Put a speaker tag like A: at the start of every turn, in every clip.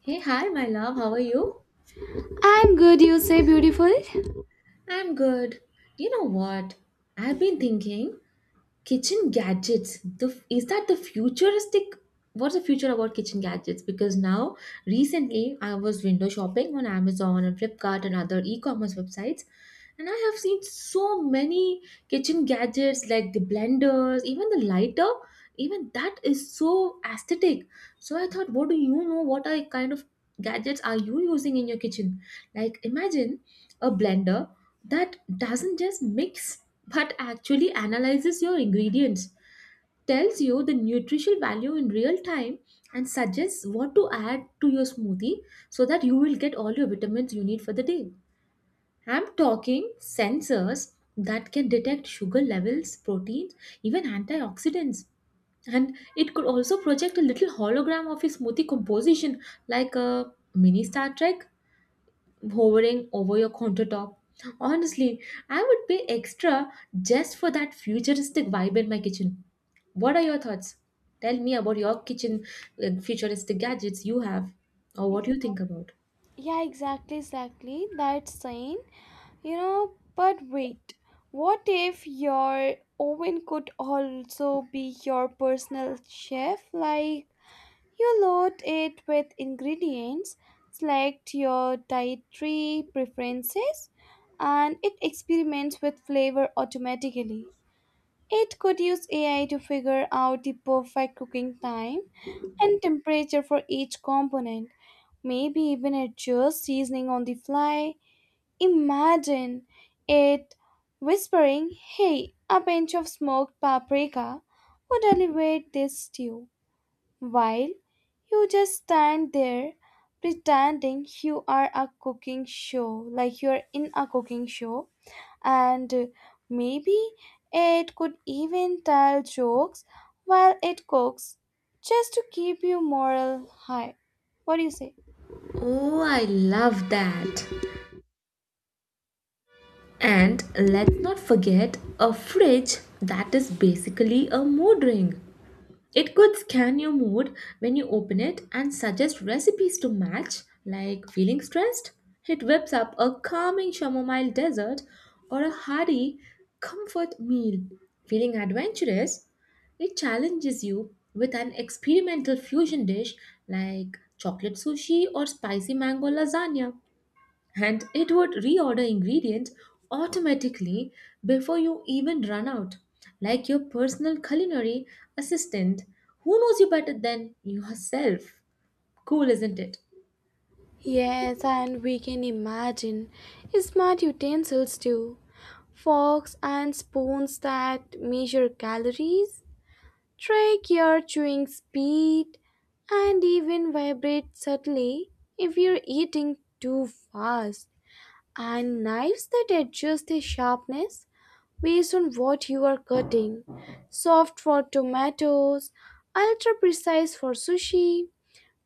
A: Hey, hi, my love. How are you?
B: I'm good, you say beautiful.
A: I'm good. You know what? I've been thinking. Kitchen gadgets the is that the futuristic what's the future about kitchen gadgets? Because now recently I was window shopping on Amazon and Flipkart and other e-commerce websites, and I have seen so many kitchen gadgets like the blenders, even the lighter, even that is so aesthetic. So I thought, what do you know what are kind of gadgets are you using in your kitchen? Like imagine a blender that doesn't just mix, but actually analyzes your ingredients, tells you the nutritional value in real time, and suggests what to add to your smoothie so that you will get all your vitamins you need for the day. I'm talking sensors that can detect sugar levels, proteins, even antioxidants. And it could also project a little hologram of your smoothie composition, like a mini Star Trek hovering over your countertop. Honestly, I would pay extra just for that futuristic vibe in my kitchen. What are your thoughts? Tell me about your kitchen futuristic gadgets you have, or what
B: Ex-
A: you think about.
B: Yeah, exactly, exactly. That's sane. You know, but wait. What if your oven could also be your personal chef? Like, you load it with ingredients, select your dietary preferences, and it experiments with flavor automatically. It could use AI to figure out the perfect cooking time and temperature for each component. Maybe even adjust seasoning on the fly. Imagine it whispering, "Hey, a pinch of smoked paprika would elevate this stew," while you just stand there pretending you are a cooking show, like you're in a cooking show, and maybe it could even tell jokes while it cooks just to keep you moral high. What do you say?
A: Oh, I love that. And let's not forget a fridge that is basically a mood ring. It could scan your mood when you open it and suggest recipes to match, like feeling stressed. It whips up a calming chamomile dessert or a hearty comfort meal. Feeling adventurous, it challenges you with an experimental fusion dish like chocolate sushi or spicy mango lasagna, and it would reorder ingredients automatically before you even run out, like your personal culinary assistant. Who knows you better than yourself? Cool, isn't it?
B: Yes, and we can imagine smart utensils too. Forks and spoons that measure calories, track your chewing speed, and even vibrate subtly if you're eating too fast. And knives that adjust the sharpness based on what you are cutting. Soft for tomatoes, ultra precise for sushi.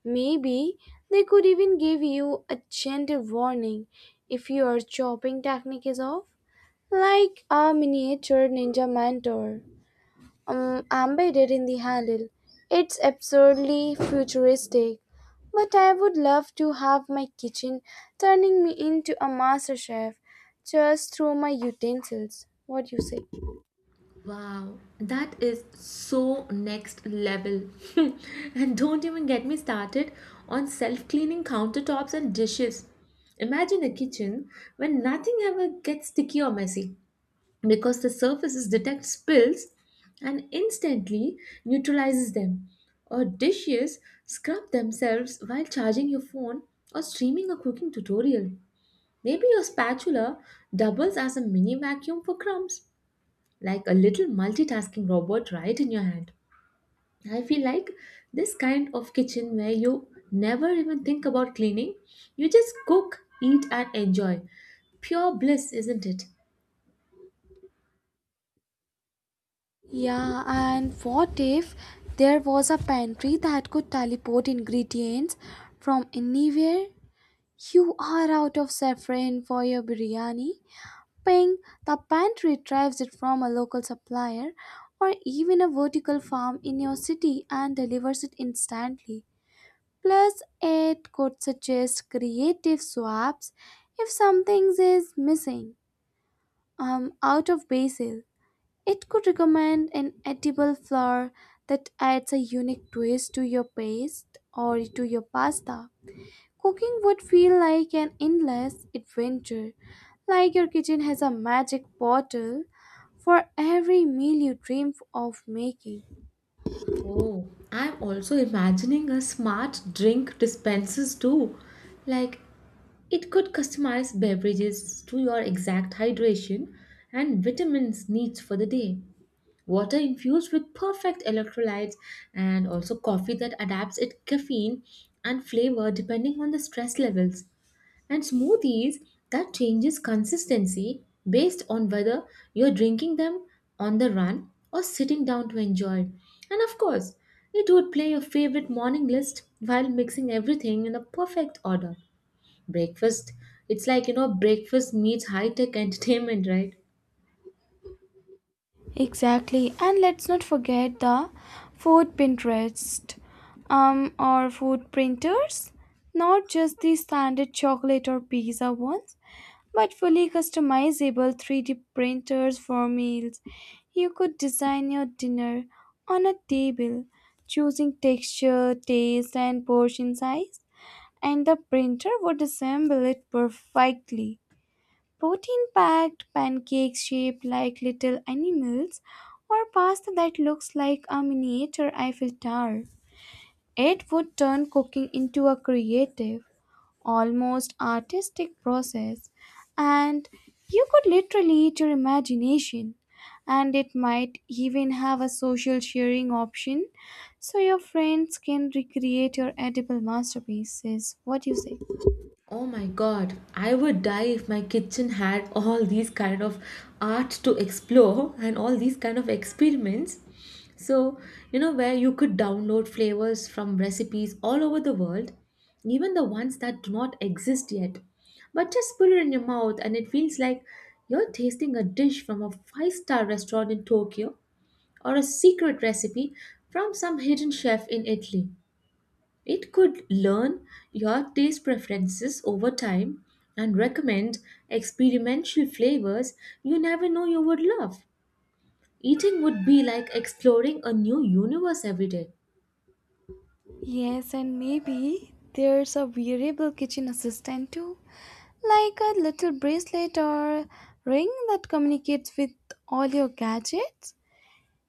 B: Maybe they could even give you a gentle warning if your chopping technique is off, like a miniature ninja mentor embedded in the handle. It's absurdly futuristic, but I would love to have my kitchen turning me into a master chef just through my utensils. What do you say?
A: Wow, that is so next level. And don't even get me started on self cleaning countertops and dishes. Imagine a kitchen when nothing ever gets sticky or messy, because the surfaces detect spills and instantly neutralizes them. Or dishes scrub themselves while charging your phone or streaming a cooking tutorial. Maybe your spatula doubles as a mini vacuum for crumbs, like a little multitasking robot right in your hand. I feel like this kind of kitchen where you never even think about cleaning, you just cook, eat, and enjoy. Pure bliss, isn't it?
B: Yeah, and what if there was a pantry that could teleport ingredients from anywhere? You are out of saffron for your biryani? Ping, the pantry retrieves it from a local supplier or even a vertical farm in your city and delivers it instantly. Plus, it could suggest creative swaps if something is missing. Out of basil, it could recommend an edible flour that adds a unique twist to your paste or to your pasta. Cooking would feel like an endless adventure, like your kitchen has a magic bottle for every meal you dream of making.
A: Oh, I'm also imagining a smart drink dispensers too. Like, it could customize beverages to your exact hydration and vitamins needs for the day. Water infused with perfect electrolytes, and also coffee that adapts its caffeine and flavor depending on the stress levels, and smoothies that changes consistency based on whether you're drinking them on the run or sitting down to enjoy. And of course, it would play your favorite morning list while mixing everything in a perfect order. Breakfast, it's like, you know, breakfast meets high tech entertainment, right?
B: Exactly, and let's not forget the food Pinterest, or food printers, not just the standard chocolate or pizza ones, but fully customizable 3D printers for meals. You could design your dinner on a table, choosing texture, taste, and portion size, and the printer would assemble it perfectly. Protein packed pancakes shaped like little animals, or pasta that looks like a miniature Eiffel Tower. It would turn cooking into a creative, almost artistic process, and you could literally eat your imagination. And it might even have a social sharing option so your friends can recreate your edible masterpieces. What do you say?
A: Oh my god, I would die if my kitchen had all these kind of art to explore and all these kind of experiments. So, you know, where you could download flavors from recipes all over the world, even the ones that do not exist yet. But just put it in your mouth and it feels like you're tasting a dish from a five-star restaurant in Tokyo or a secret recipe from some hidden chef in Italy. It could learn your taste preferences over time and recommend experimental flavors you never know you would love. Eating would be like exploring a new universe every day.
B: Yes, and maybe there's a wearable kitchen assistant too, like a little bracelet or ring that communicates with all your gadgets.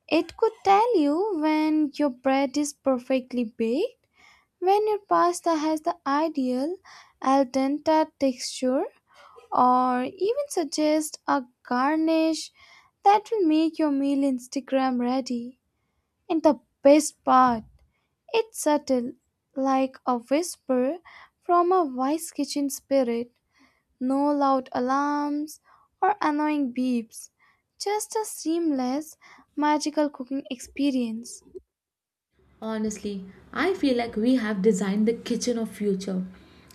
B: It could tell you when your bread is perfectly baked, when your pasta has the ideal al dente texture, or even suggest a garnish that will make your meal Instagram ready. And the best part, it's subtle, like a whisper from a wise kitchen spirit. No loud alarms or annoying beeps, just a seamless, magical cooking experience.
A: Honestly, I feel like we have designed the kitchen of future.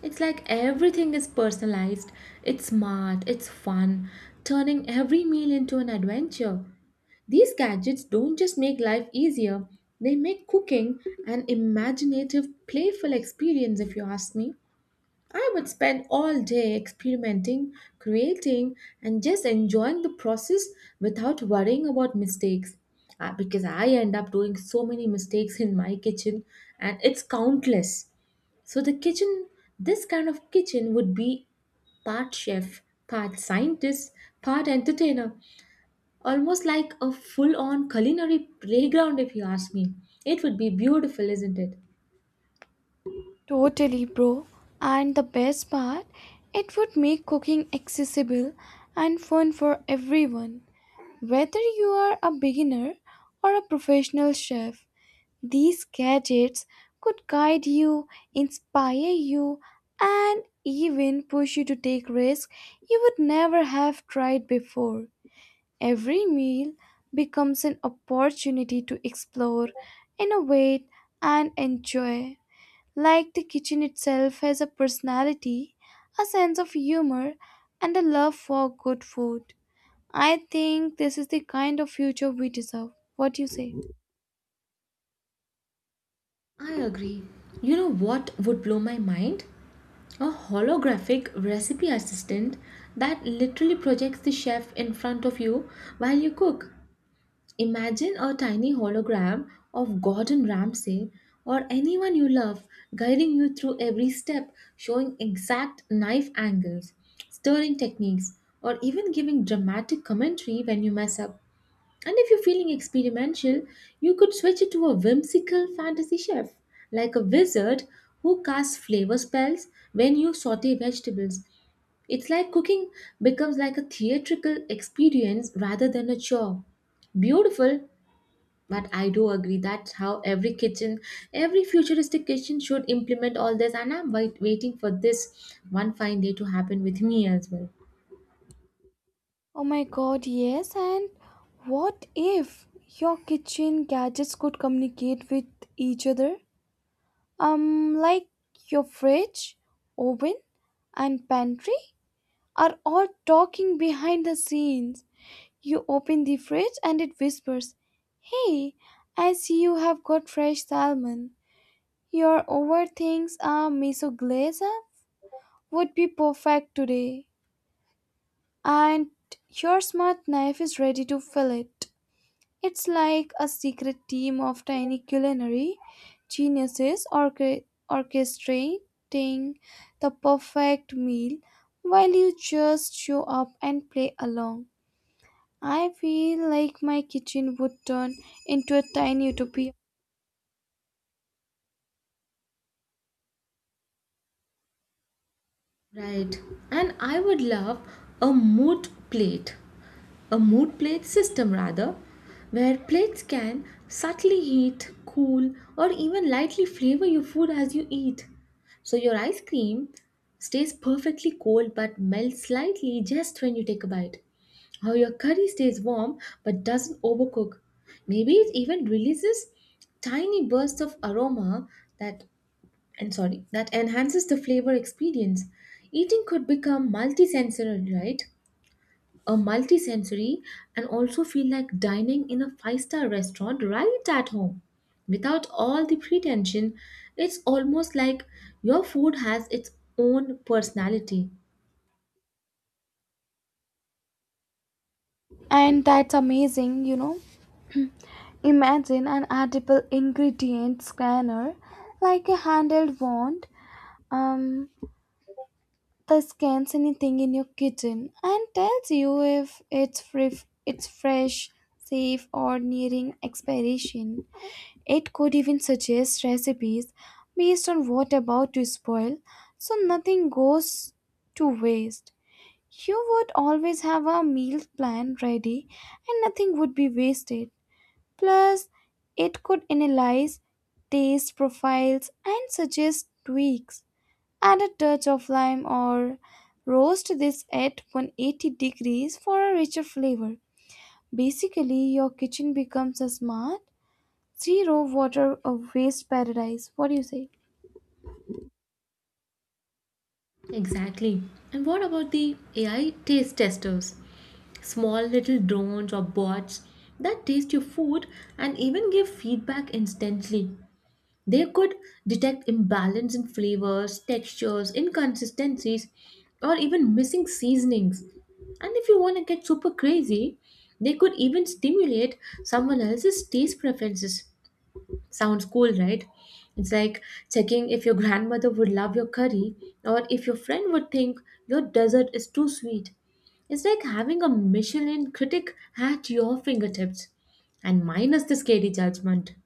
A: It's like everything is personalized, it's smart, it's fun, turning every meal into an adventure. These gadgets don't just make life easier, they make cooking an imaginative, playful experience, if you ask me. I would spend all day experimenting, creating, and just enjoying the process without worrying about mistakes. Because I end up doing so many mistakes in my kitchen, and it's countless. So, this kind of kitchen would be part chef, part scientist, part entertainer. Almost like a full on culinary playground, if you ask me. It would be beautiful, isn't it?
B: Totally, bro. And the best part, it would make cooking accessible and fun for everyone. Whether you are a beginner or a professional chef, these gadgets could guide you, inspire you, and even push you to take risks you would never have tried before. Every meal becomes an opportunity to explore, innovate, and enjoy. Like the kitchen itself has a personality, a sense of humor, and a love for good food. I think this is the kind of future we deserve. What do you say?
A: I agree. You know what would blow my mind? A holographic recipe assistant that literally projects the chef in front of you while you cook. Imagine a tiny hologram of Gordon Ramsay or anyone you love guiding you through every step, showing exact knife angles, stirring techniques, or even giving dramatic commentary when you mess up. And if you're feeling experimental, you could switch it to a whimsical fantasy chef, like a wizard who casts flavor spells when you saute vegetables. It's like cooking becomes like a theatrical experience rather than a chore. Beautiful, but I do agree that's how every kitchen, every futuristic kitchen should implement all this, and I'm waiting for this one fine day to happen with me as well.
B: Oh my god, yes, and what if your kitchen gadgets could communicate with each other? Like your fridge, oven, and pantry are all talking behind the scenes. You open the fridge and it whispers, "Hey, I see you have got fresh salmon. Your over things a miso glaze would be perfect today. And your smart knife is ready to fill it." It's like a secret team of tiny culinary geniuses orchestrating the perfect meal while you just show up and play along. I feel like my kitchen would turn into a tiny utopia.
A: Right. And I would love a mood plate a mood plate system rather, where plates can subtly heat, cool, or even lightly flavor your food as you eat. So your ice cream stays perfectly cold but melts slightly just when you take a bite. Or your curry stays warm but doesn't overcook. Maybe it even releases tiny bursts of aroma that and sorry, that enhances the flavor experience. Eating could become multisensory, right? A multisensory and also feel like dining in a five-star restaurant right at home without all the pretension. It's almost like your food has its own personality.
B: And that's amazing, you know. Imagine an edible ingredient scanner like a handheld wand, um, that scans anything in your kitchen and tells you if it's free, it's fresh, safe, or nearing expiration. It could even suggest recipes based on what about to spoil so nothing goes to waste. You would always have a meal plan ready and nothing would be wasted. Plus, it could analyze taste profiles and suggest tweaks. Add a touch of lime or roast this at 180 degrees for a richer flavor. Basically, your kitchen becomes a smart, zero water waste paradise. What do you say?
A: Exactly. And what about the AI taste testers, small little drones or bots that taste your food and even give feedback instantly? They could detect imbalance in flavors, textures, inconsistencies, or even missing seasonings. And if you want to get super crazy, they could even stimulate someone else's taste preferences. Sounds cool, right? It's like checking if your grandmother would love your curry, or if your friend would think your dessert is too sweet. It's like having a Michelin critic at your fingertips. And minus the scary judgment.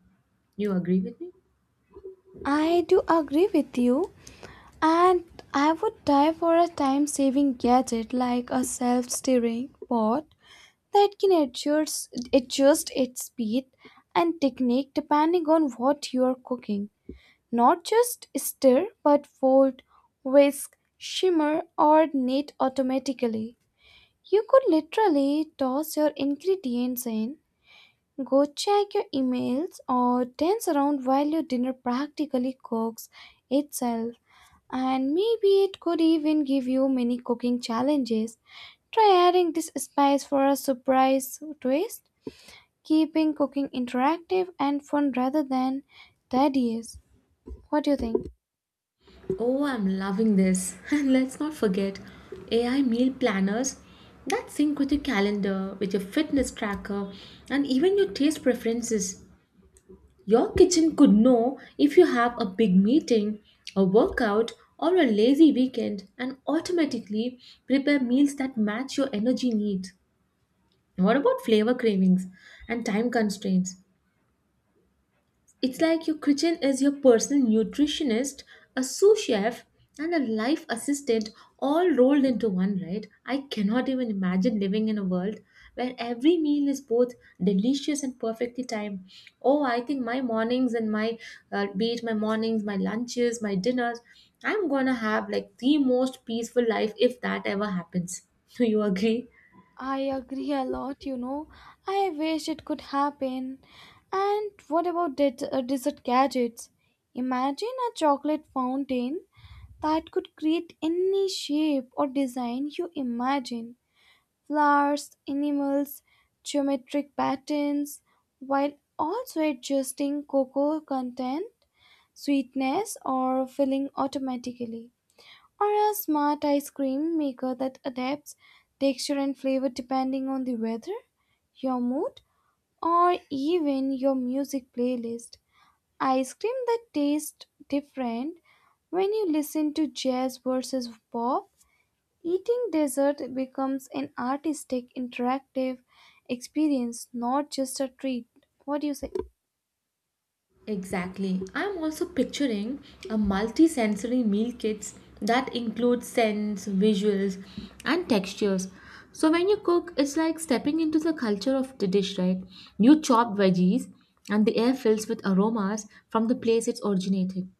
A: You agree with me?
B: I do agree with you, and I would die for a time saving gadget like a self stirring pot that can adjust its speed and technique depending on what you are cooking. Not just stir, but fold, whisk, shimmer, or knead automatically. You could literally toss your ingredients in, go check your emails or dance around while your dinner practically cooks itself. And maybe it could even give you mini cooking challenges. Try adding this spice for a surprise twist, keeping cooking interactive and fun rather than tedious. What do you think?
A: Oh, I'm loving this. And let's not forget AI meal planners that sync with your calendar, with your fitness tracker, and even your taste preferences. Your kitchen could know if you have a big meeting, a workout, or a lazy weekend and automatically prepare meals that match your energy needs. What about flavor cravings and time constraints? It's like your kitchen is your personal nutritionist, a sous chef, and a life assistant all rolled into one, right? I cannot even imagine living in a world where every meal is both delicious and perfectly timed. Oh, I think my mornings and be it my mornings, my lunches, my dinners, I'm gonna have like the most peaceful life if that ever happens. Do you agree?
B: I agree a lot, you know. I wish it could happen. And what about dessert gadgets? Imagine a chocolate fountain that could create any shape or design you imagine: flowers, animals, geometric patterns, while also adjusting cocoa content, sweetness, or filling automatically. Or a smart ice cream maker that adapts texture and flavor depending on the weather, your mood, or even your music playlist. Ice cream that tastes different when you listen to jazz versus pop. Eating dessert becomes an artistic, interactive experience, not just a treat. What do you say?
A: Exactly. I'm also picturing a multi-sensory meal kits that includes scents, visuals, and textures. So when you cook, it's like stepping into the culture of the dish, right? You chop veggies and the air fills with aromas from the place it's originated.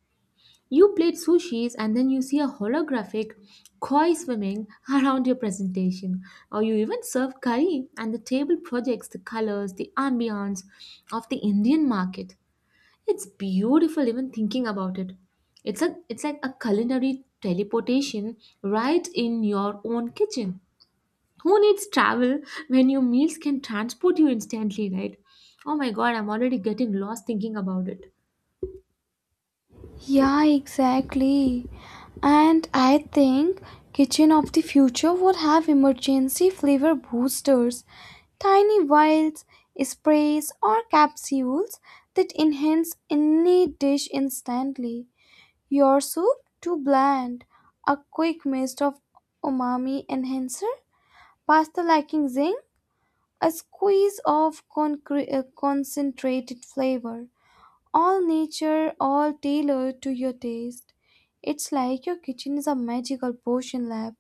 A: You plate sushis and then you see a holographic koi swimming around your presentation. Or you even serve curry and the table projects the colors, the ambience of the Indian market. It's beautiful even thinking about it. It's like a culinary teleportation right in your own kitchen. Who needs travel when your meals can transport you instantly, right? Oh my god, I'm already getting lost thinking about it.
B: Yeah, exactly. And I think kitchen of the future would have emergency flavor boosters, tiny vials, sprays, or capsules that enhance any dish instantly. Your soup? Too bland. A quick mist of umami enhancer? Pasta lacking zing? A squeeze of concentrated flavor. All nature, all tailored to your taste. It's like your kitchen is a magical potion lab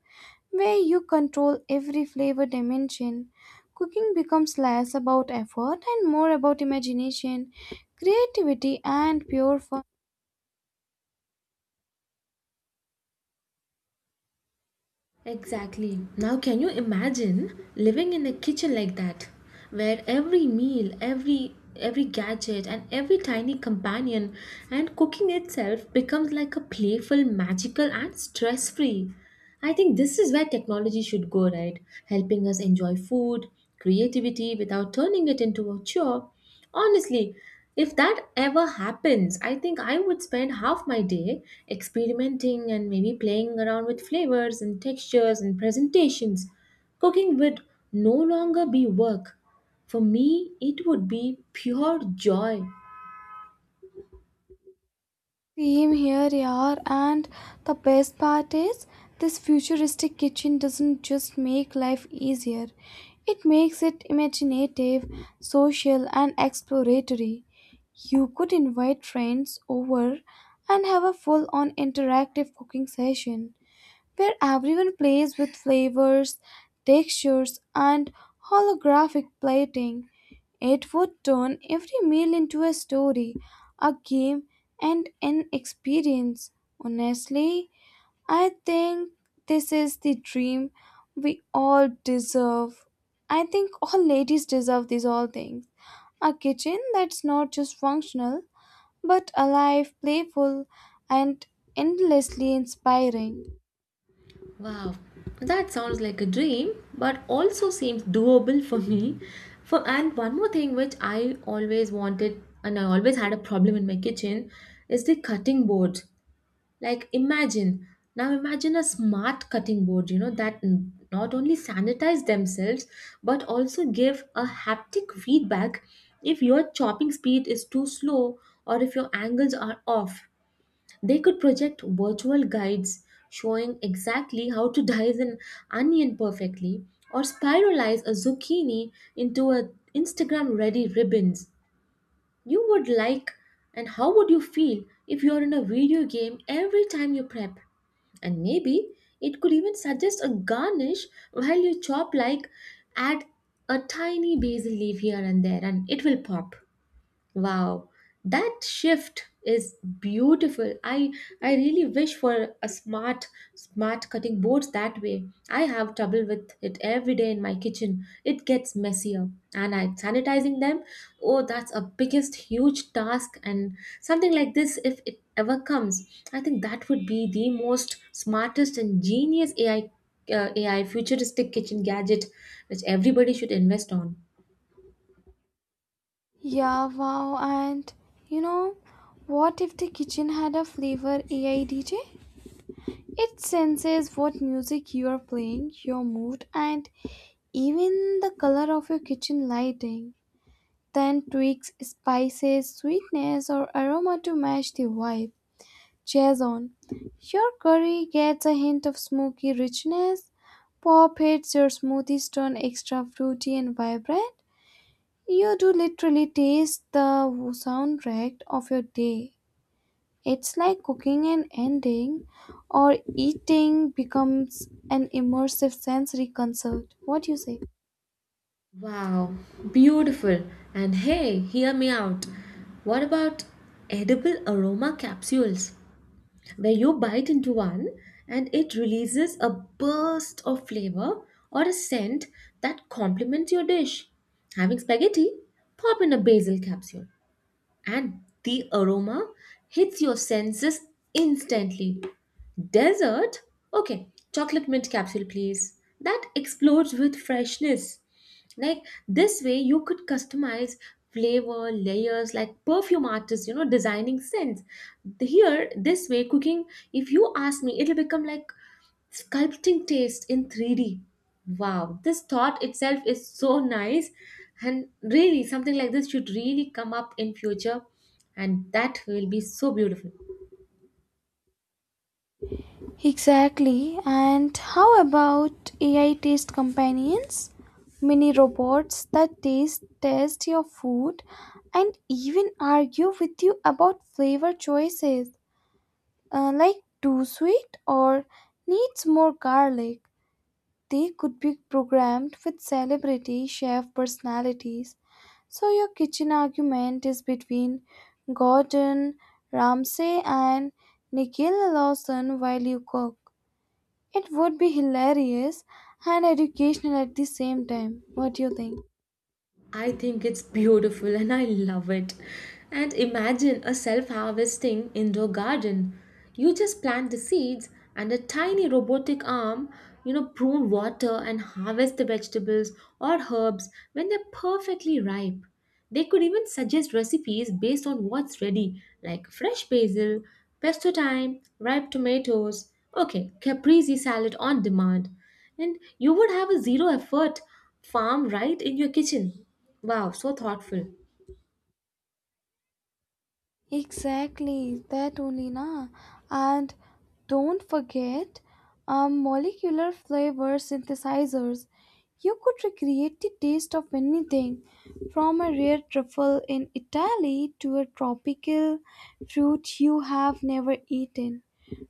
B: where you control every flavor dimension. Cooking becomes less about effort and more about imagination, creativity, and pure fun.
A: Exactly. Now, can you imagine living in a kitchen like that, where every meal, every gadget, and every tiny companion and cooking itself becomes like a playful, magical, and stress free? I think this is where technology should go, right? Helping us enjoy food, creativity without turning it into a chore. Honestly, if that ever happens, I think I would spend half my day experimenting and maybe playing around with flavors and textures and presentations. Cooking would no longer be work. For me, it would be pure joy.
B: Same here, yaar. And the best part is, this futuristic kitchen doesn't just make life easier, it makes it imaginative, social, and exploratory. You could invite friends over and have a full on interactive cooking session where everyone plays with flavors, textures, and holographic plating. It would turn every meal into a story, a game, and an experience. Honestly, I think this is the dream we all deserve. I think all ladies deserve these all things. A kitchen that's not just functional, but alive, playful, and endlessly inspiring.
A: Wow, that sounds like a dream, but also seems doable for me. For and one more thing which I always wanted and I always had a problem in my kitchen is the cutting board. Like imagine, now imagine a smart cutting board, you know, that not only sanitize themselves but also give a haptic feedback if your chopping speed is too slow or if your angles are off. They could project virtual guides showing exactly how to dice an onion perfectly or spiralize a zucchini into a Instagram ready ribbons. You would like, and how would you feel if you're in a video game every time you prep? And maybe it could even suggest a garnish while you chop, like add a tiny basil leaf here and there and it will pop. Wow, that shift is beautiful. I really wish for a smart cutting boards that way. I have trouble with it every day in my kitchen. It gets messier and I sanitizing them. Oh, that's a biggest huge task and something like this if it ever comes. I think that would be the most smartest and genius AI futuristic kitchen gadget which everybody should invest on.
B: Yeah, wow. And you know, what if the kitchen had a flavor AI DJ? It senses what music you are playing, your mood, and even the color of your kitchen lighting. Then tweaks spices, sweetness, or aroma to match the vibe. Jason, your curry gets a hint of smoky richness. Pop hits your smoothies turn extra fruity and vibrant. You do literally taste the soundtrack of your day. It's like cooking an ending or eating becomes an immersive sensory concert. What do you say?
A: Wow, beautiful. And hey, hear me out. What about edible aroma capsules, where you bite into one and it releases a burst of flavor or a scent that complements your dish? Having spaghetti? Pop in a basil capsule and the aroma hits your senses instantly. Dessert? Okay, chocolate mint capsule, please. That explodes with freshness. Like this way, you could customize flavor layers like perfume artists, designing scents. Here, this way, cooking, if you ask me, it'll become like sculpting taste in 3D. Wow, this thought itself is so nice and really something like this should really come up in future and that will be so beautiful.
B: Exactly. And how about AI taste companions? Mini robots that taste test your food and even argue with you about flavor choices, like too sweet or needs more garlic. They could be programmed with celebrity chef personalities. So your kitchen argument is between Gordon Ramsay and Nicola Lawson while you cook. It would be hilarious and educational at the same time. What do you think?
A: I think it's beautiful and I love it. And imagine a self-harvesting indoor garden. You just plant the seeds and a tiny robotic arm, prune water and harvest the vegetables or herbs when they're perfectly ripe. They could even suggest recipes based on what's ready, like fresh basil, pesto time, ripe tomatoes, okay, caprese salad on demand. And you would have a zero effort farm right in your kitchen. Wow, so thoughtful.
B: Exactly, that only na. And don't forget molecular flavor synthesizers. You could recreate the taste of anything, from a rare truffle in Italy to a tropical fruit you have never eaten,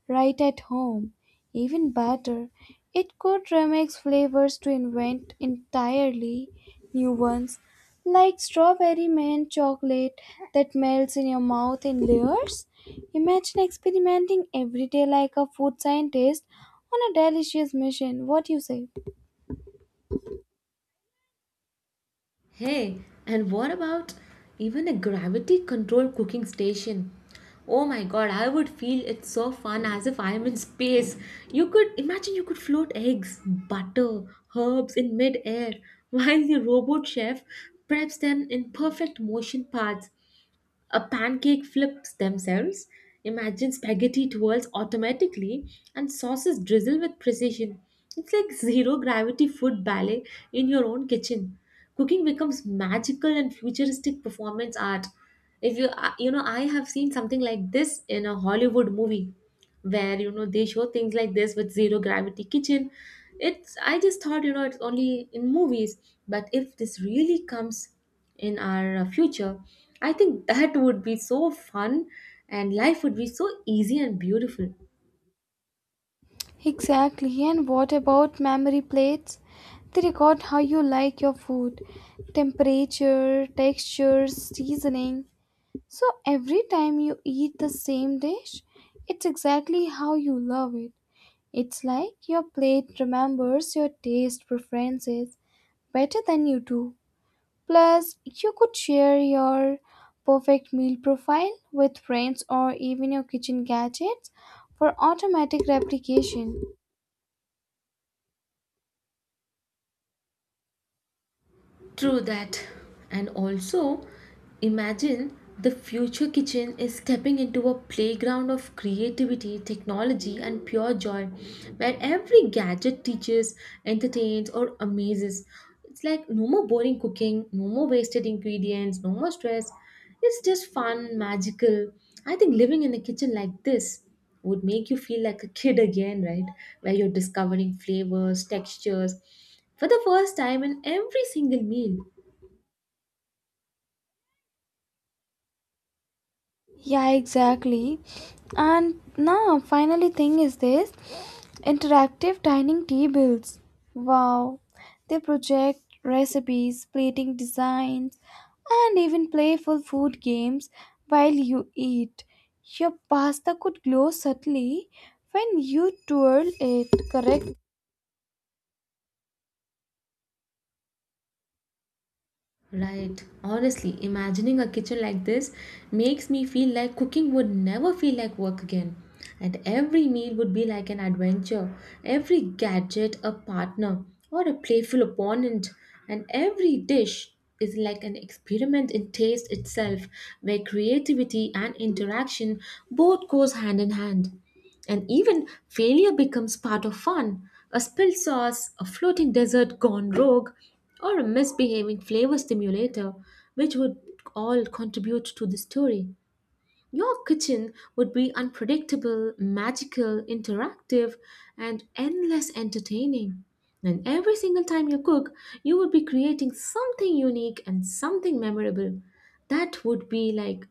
B: right at home. Even better, it could remix flavors to invent entirely new ones. Like strawberry mint chocolate that melts in your mouth in layers. Imagine experimenting every day like a food scientist on a delicious mission. What do you say?
A: Hey, and what about even a gravity controlled cooking station? Oh my god, I would feel it's so fun as if I am in space. You could imagine you could float eggs, butter, herbs in mid air while the robot chef preps them in perfect motion paths. A pancake flips themselves. Imagine spaghetti twirls automatically and sauces drizzle with precision. It's like zero gravity food ballet in your own kitchen. Cooking becomes magical and futuristic performance art. If you, you know, I have seen something like this in a Hollywood movie where, they show things like this with zero gravity kitchen. It's, I just thought, you know, it's only in movies. But if this really comes in our future, I think that would be so fun and life would be so easy and beautiful.
B: Exactly. And what about memory plates? They record how you like your food, temperature, texture, seasoning. So every time you eat the same dish, it's exactly how you love it. It's like your plate remembers your taste preferences better than you do. Plus, you could share your perfect meal profile with friends or even your kitchen gadgets for automatic replication.
A: True that. And also, imagine the future kitchen is stepping into a playground of creativity, technology, and pure joy, where every gadget teaches, entertains, or amazes. It's like no more boring cooking, no more wasted ingredients, no more stress. It's just fun, magical. I think living in a kitchen like this would make you feel like a kid again, right? Where you're discovering flavors, textures, for the first time in every single meal.
B: Yeah, exactly. And now, finally, thing is this interactive dining tables. Wow, they project recipes, plating designs, and even playful food games while you eat. Your pasta could glow subtly when you twirl it, correct?
A: Right, honestly, imagining a kitchen like this makes me feel like cooking would never feel like work again. And every meal would be like an adventure, every gadget a partner or a playful opponent, and every dish is like an experiment in taste itself where creativity and interaction both goes hand in hand. And even failure becomes part of fun. A spilled sauce, a floating dessert gone rogue, or a misbehaving flavor stimulator, which would all contribute to the story. Your kitchen would be unpredictable, magical, interactive, and endless entertaining. And every single time you cook, you would be creating something unique and something memorable. That would be like,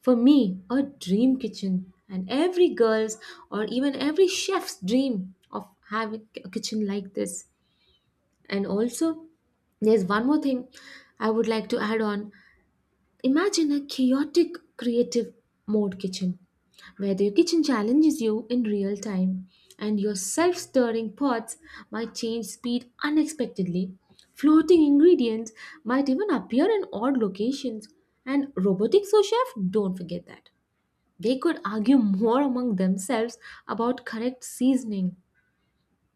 A: for me, a dream kitchen, and every girl's or even every chef's dream of having a kitchen like this. And also, there's one more thing I would like to add on. Imagine a chaotic creative mode kitchen where the kitchen challenges you in real time and your self stirring pots might change speed unexpectedly. Floating ingredients might even appear in odd locations, and robotic sous chef don't forget that. They could argue more among themselves about correct seasoning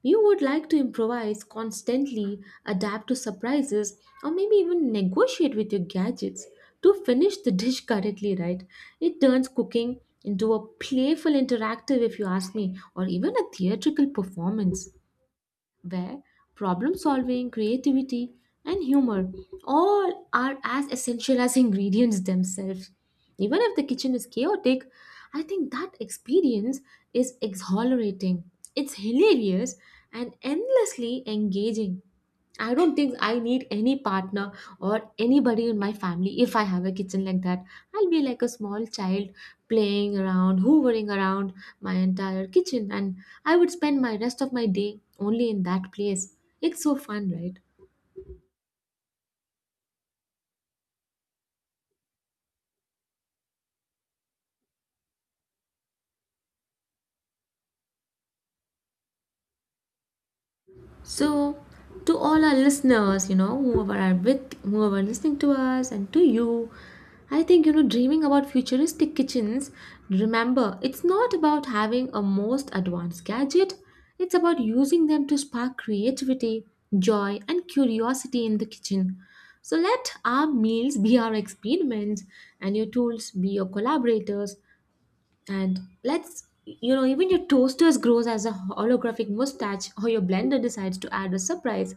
A: you would like to improvise, constantly adapt to surprises, or maybe even negotiate with your gadgets to finish the dish correctly, right? It turns cooking into a playful interactive, if you ask me, or even a theatrical performance where problem solving, creativity, and humor all are as essential as ingredients themselves. Even if the kitchen is chaotic, I think that experience is exhilarating. It's hilarious and endlessly engaging. I don't think I need any partner or anybody in my family if I have a kitchen like that. I'll be like a small child playing around, hoovering around my entire kitchen, and I would spend my rest of my day only in that place. It's so fun, right? So, to all our listeners, whoever whoever are listening to us, and to you, I think, you know, dreaming about futuristic kitchens, remember, it's not about having a most advanced gadget, it's about using them to spark creativity, joy, and curiosity in the kitchen. So, let our meals be our experiments and your tools be your collaborators. And even your toasters grows as a holographic mustache, or your blender decides to add a surprise.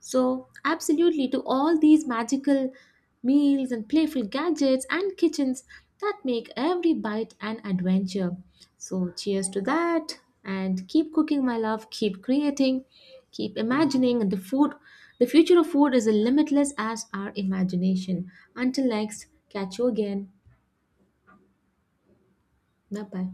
A: So, absolutely, to all these magical meals and playful gadgets and kitchens that make every bite an adventure. So, cheers to that, and keep cooking, my love. Keep creating, keep imagining, and the future of food is as limitless as our imagination. Until next, catch you again. Bye bye.